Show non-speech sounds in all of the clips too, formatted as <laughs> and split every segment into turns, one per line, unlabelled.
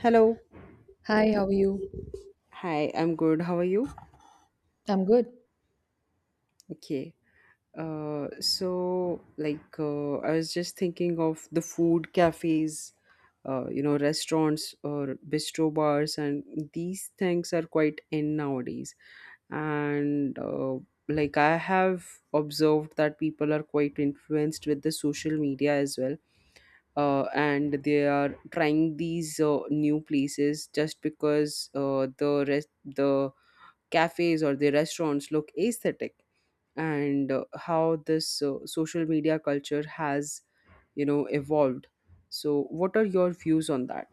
Hello.
Hi, how are you?
Hi, I'm good. How are you?
I'm good.
Okay. So I was just thinking of the food cafes, restaurants or bistro bars, and these things are quite in nowadays. And like I have observed that people are quite influenced with the social media as well, and they are trying these new places just because the cafes or the restaurants look aesthetic. And how this social media culture has, you know, evolved, so what are your views on that?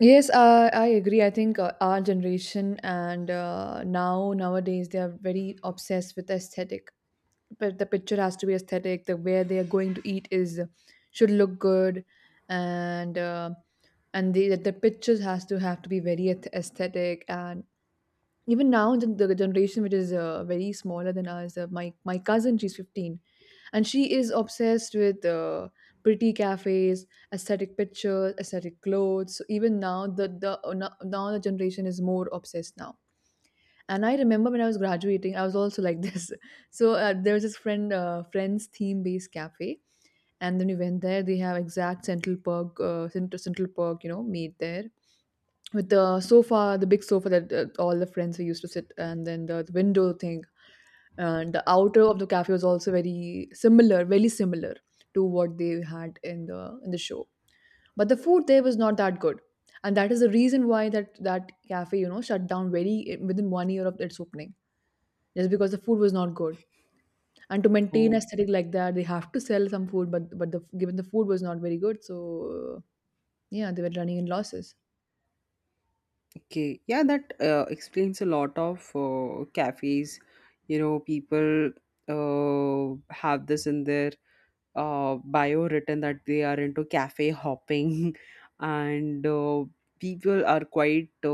Yes, I agree. I think our generation and nowadays they are very obsessed with aesthetic. But the picture has to be aesthetic. The where they are going to eat is should look good, and uh, and the pictures has to have to be very aesthetic. And even now the generation which is very smaller than us. My cousin, she's 15, and she is obsessed with pretty cafes, aesthetic pictures, aesthetic clothes. So even now the no- now the generation is more obsessed now. And I remember when I was graduating I was also like <laughs> this. So there was this friends theme based cafe, and then we went there. They have exact central perk, central perk, you know, made there with the sofa, the big sofa that all the friends we used to sit, and then the window thing. And the outer of the cafe was also very similar to what they had in the show. But the food there was not that good, and that is the reason why that cafe, you know, shut down very within 1 year of its opening, just because the food was not good. And to maintain
Oh,
aesthetic like that they have to sell some food, but the given the food was not very good. So yeah, they were running in losses.
okay. Yeah, that explains a lot of cafes. You know, people have this in their bio written that they are into cafe hopping <laughs> and people are quite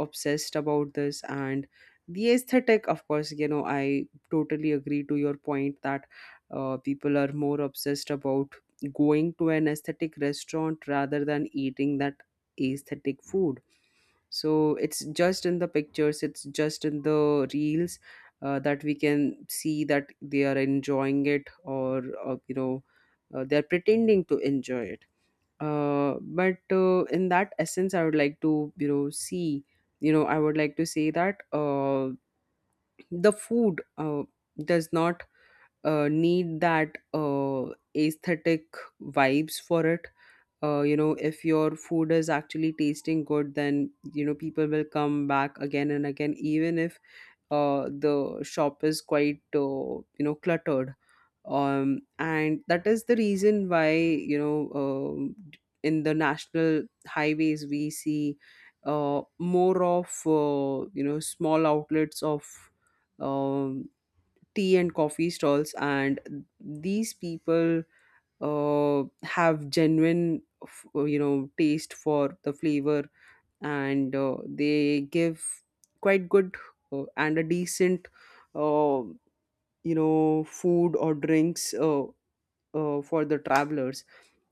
obsessed about this, and the aesthetic, of course, you know, I totally agree to your point that people are more obsessed about going to an aesthetic restaurant rather than eating that aesthetic food. So it's just in the pictures, it's just in the reels, that we can see that they are enjoying it, or, you know, they're pretending to enjoy it. But in that essence, I would like to, you know, see, you know, I would like to say that the food does not need that aesthetic vibes for it. You know, if your food is actually tasting good, then, you know, people will come back again and again, even if the shop is quite you know, cluttered. And that is the reason why, you know, in the national highways we see more of, you know, small outlets of um, tea and coffee stalls, and these people have genuine you know, taste for the flavor. And they give quite good and a decent, uh, you know, food or drinks, for the travelers.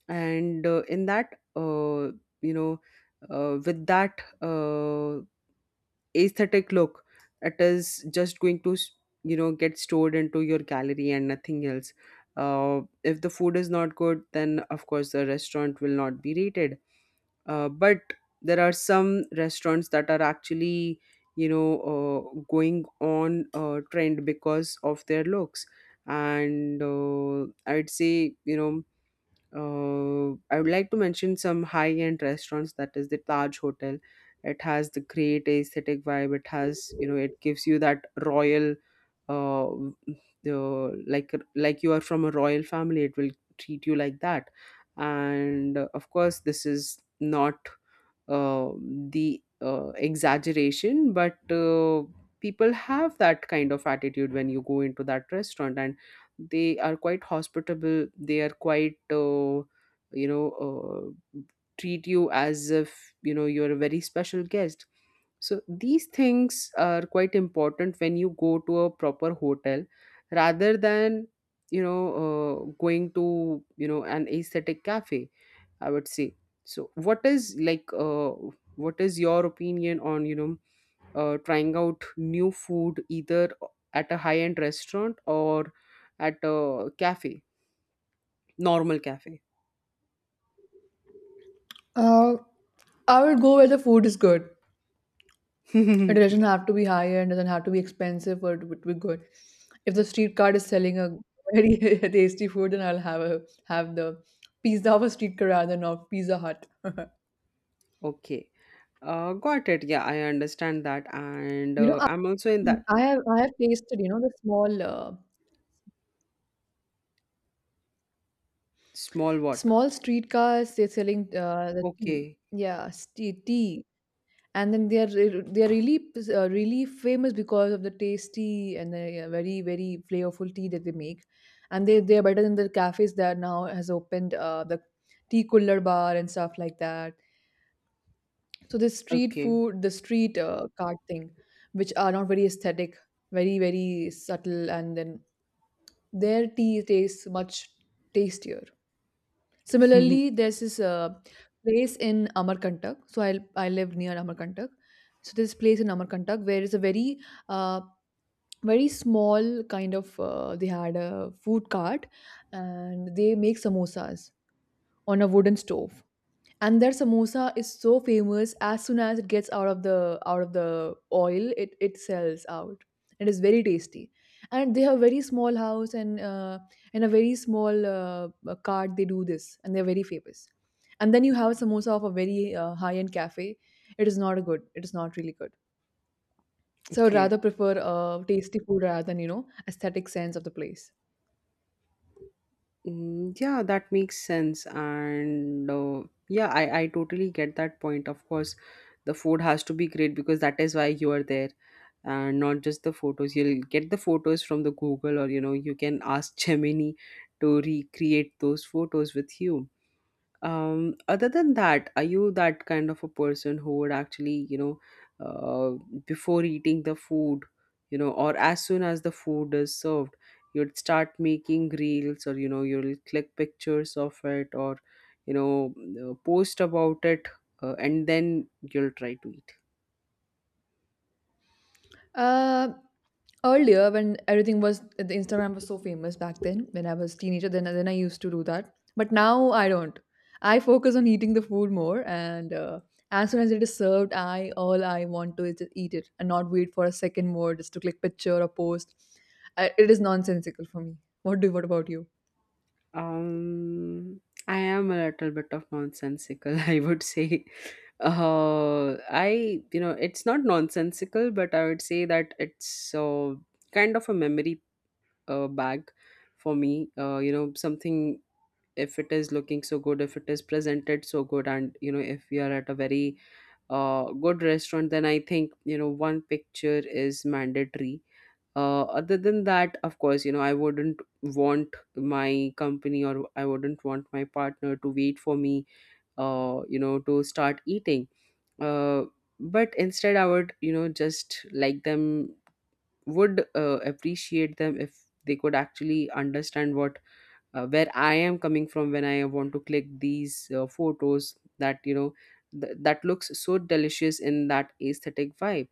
And uh, in that uh, you know, with that aesthetic look, it is just going to you know, get stored into your gallery and nothing else. If the food is not good, then of course the restaurant will not be rated. But there are some restaurants that are actually, you know, going on trend because of their looks. And I'd say, you know, I would like to mention some high-end restaurants. That is the Taj Hotel. It has the great aesthetic vibe. It has, you know, it gives you that royal, uh, the like you are from a royal family. It will treat you like that. And of course, this is not uh, the exaggeration, but people have that kind of attitude when you go into that restaurant. And they are quite hospitable, they are quite, you know, treat you as if, you know, you're a very special guest. So these things are quite important when you go to a proper hotel, rather than, you know, going to, you know, an aesthetic cafe, I would say. So what is like what is your opinion on, you know, trying out new food, either at a high end restaurant or at a cafe, normal cafe?
uh, I would go where the food is good. It doesn't
<laughs>
have to be high end, doesn't have to be expensive, but it to be good. If the street cart is selling a very <laughs> tasty food, then I'll have the pizza of a street cart rather than of Pizza Hut. <laughs>
Okay. Got it. Yeah, I understand that. And
You know,
uh, I'm also in that.
I have tasted, you know, the
Small what?
small streetcars. They're selling the tea.
Okay.
Yeah, tea, tea. And then they are really really famous because of the tasty and the very very flavorful tea that they make. And they are better than the cafes that now has opened, the tea cooler bar and stuff like that. So the street
Okay.
food, the street cart thing, which are not very aesthetic, very very subtle, and then their tea tastes much tastier. Similarly,
<laughs>
there's this place in Amarkantak. So I live near Amarkantak. So this place in Amarkantak, where it's a uh, very small kind of they had a food cart and they make samosas on a wooden stove, and their samosa is so famous. As soon as it gets out of the out of the oil, it sells out. It is very tasty. And they have very small house, and in a very small cart they do this, and they're very famous. And then you have samosa of a very high end cafe. It is not good, it is not really good. So I would
Okay.
rather prefer tasty food rather than, you know, aesthetic sense of the place.
Mm, yeah, that makes sense. And Yeah, I totally get that point. Of course, the food has to be great because that is why you are there. And not just the photos. You'll get the photos from the Google, or, you know, you can ask <laughs> Gemini to recreate those photos with you. Um, other than that, are you that kind of a person who would actually, you know, uh, before eating the food, you know, or as soon as the food is served, you'd start making reels, or, you know, you'll click pictures of it, or, you know, post about it, and then you'll try to eat?
uh, Earlier, when everything was the Instagram was so famous back then when I was teenager, then I used to do that, but now I don't. I focus on eating the food more, and as soon as it is served, I all I want to is to eat it and not wait for a second more just to click picture or post. I, it is nonsensical for me. What do what about you?
Um, I am a little bit of nonsensical, <laughs> I would say. I, you know, it's not nonsensical, but I would say that it's kind of a memory bag for me. You know, something, if it is looking so good, if it is presented so good, and, you know, if we are at a very good restaurant, then I think, you know, one picture is mandatory. Other than that, of course, you know, I wouldn't want my company, or I wouldn't want my partner to wait for me, you know, to start eating. Uh, but instead I would, you know, just like them, would appreciate them if they could actually understand what, where I am coming from when I want to click these photos that, you know, that looks so delicious in that aesthetic vibe.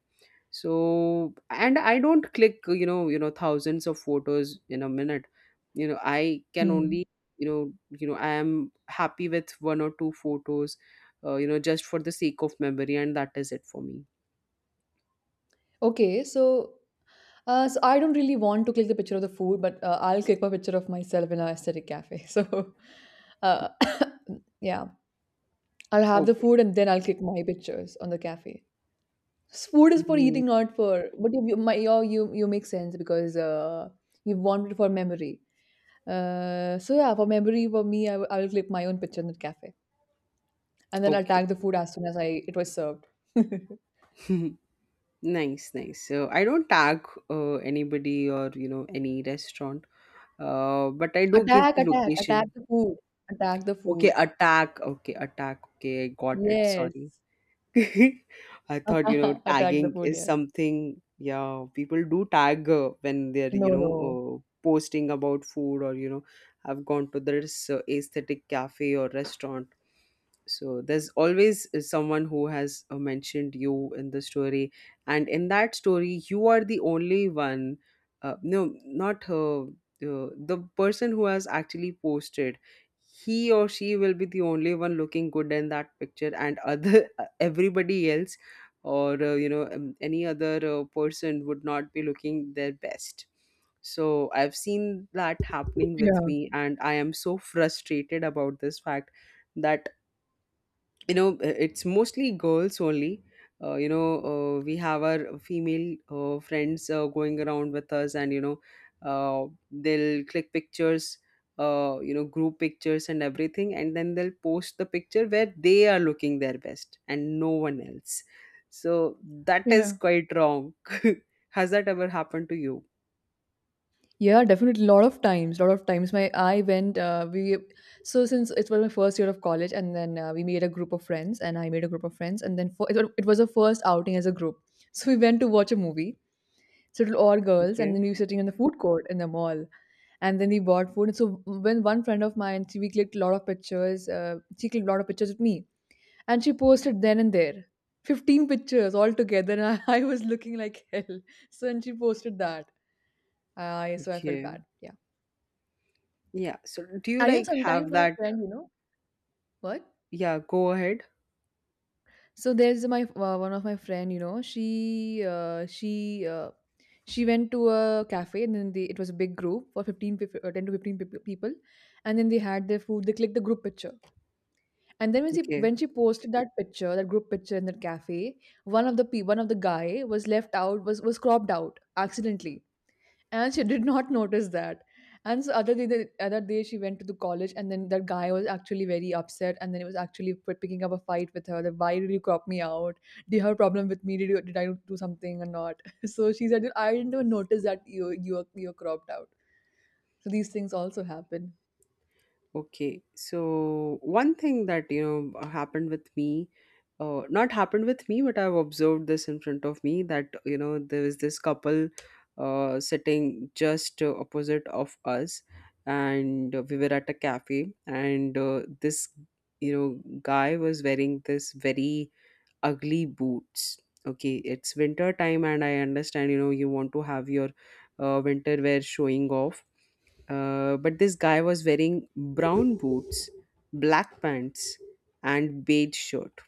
So, and I don't click, you know, you know, thousands of photos in a minute. You know, I can
Hmm.
only, you know, you know, I am happy with one or two photos, you know, just for the sake of memory, and that is it for me.
Okay, so so I don't really want to click the picture of the food, but I'll click my picture of myself in a aesthetic cafe. <laughs> So, uh, <coughs> yeah, I'll have the
Okay.
food and then I'll click my pictures on the cafe. Food is for
Mm,
eating, not for. But you you make sense because you want it for memory. So yeah, for memory, for me, I will click my own picture in the cafe, and then I'll
okay.
tag the food as soon as I it was served. <laughs>
<laughs> Nice, nice. So I don't tag anybody, or, you know, any restaurant, but I do give
Attack!
the
Attack! Attack
location.
the food! Attack the
Okay,
food!
attack, okay, attack, okay, I got it,
Yes.
sorry. <laughs> I thought, you know,
<laughs> Attack the
tagging
food,
is
yeah.
something, yeah, people do tag when they're,
No,
you know,
no.
posting about food, or, you know, have gone to this aesthetic cafe or restaurant. So there's always someone who has mentioned you in the story. And in that story, you are the only one, no, not her, the person who has actually posted, he or she will be the only one looking good in that picture, and other, <laughs> everybody else, or, you know, any other person would not be looking their best. So I've seen that happening with
Yeah,
me, and I am so frustrated about this fact that, you know, it's mostly girls only, you know, we have our female friends going around with us, and, you know, uh, they'll click pictures, you know, group pictures and everything, and then they'll post the picture where they are looking their best and no one else. So that is
yeah.
quite wrong. <laughs> Has that ever happened to you?
Yeah, definitely. Lot of times, lot of times. My I went. We so since it was my first year of college, and then we made a group of friends, and I made a group of friends, and then for, it, it was a first outing as a group. So we went to watch a movie. So it was all girls, and
Okay.
then we were sitting in the food court in the mall, and then we bought food. And so when one friend of mine, she, we clicked a lot of pictures. She clicked a lot of pictures with me, and she posted then and there 15 pictures all together. And I, <laughs> I was looking like hell. So, and she posted that. I so I felt
Okay,
bad. Yeah.
yeah, so do you
And you know,
like
sometimes
have
my
that?
friend, you know, what?
Yeah, go ahead.
So there's my one of my friend, you know, she went to a cafe, and then they, it was a big group for 10 to 15 people. And then they had their food, they clicked the group picture. And then when she
Okay.
when she posted that picture, that group picture in that cafe, one of the guy was left out was cropped out accidentally. And she <laughs> did not notice that. And so other day, the other day, she went to the college, and then that guy was actually very upset, and then he was actually picking up a fight with her. That why did you crop me out? Do you have a problem with me? Did I do something or not? <laughs> So she said, I didn't even notice that you are cropped out. So these things also happen.
Okay, so one thing that, you know, happened with me, not happened with me, but I've observed this in front of me, that, you know, there was this couple sitting just opposite of us, and we were at a cafe, and this, you know, guy was wearing this very ugly boots. Okay, it's winter time, and I understand, you know, you want to have your winter wear showing off. But this guy was wearing brown boots, black pants, and beige shirt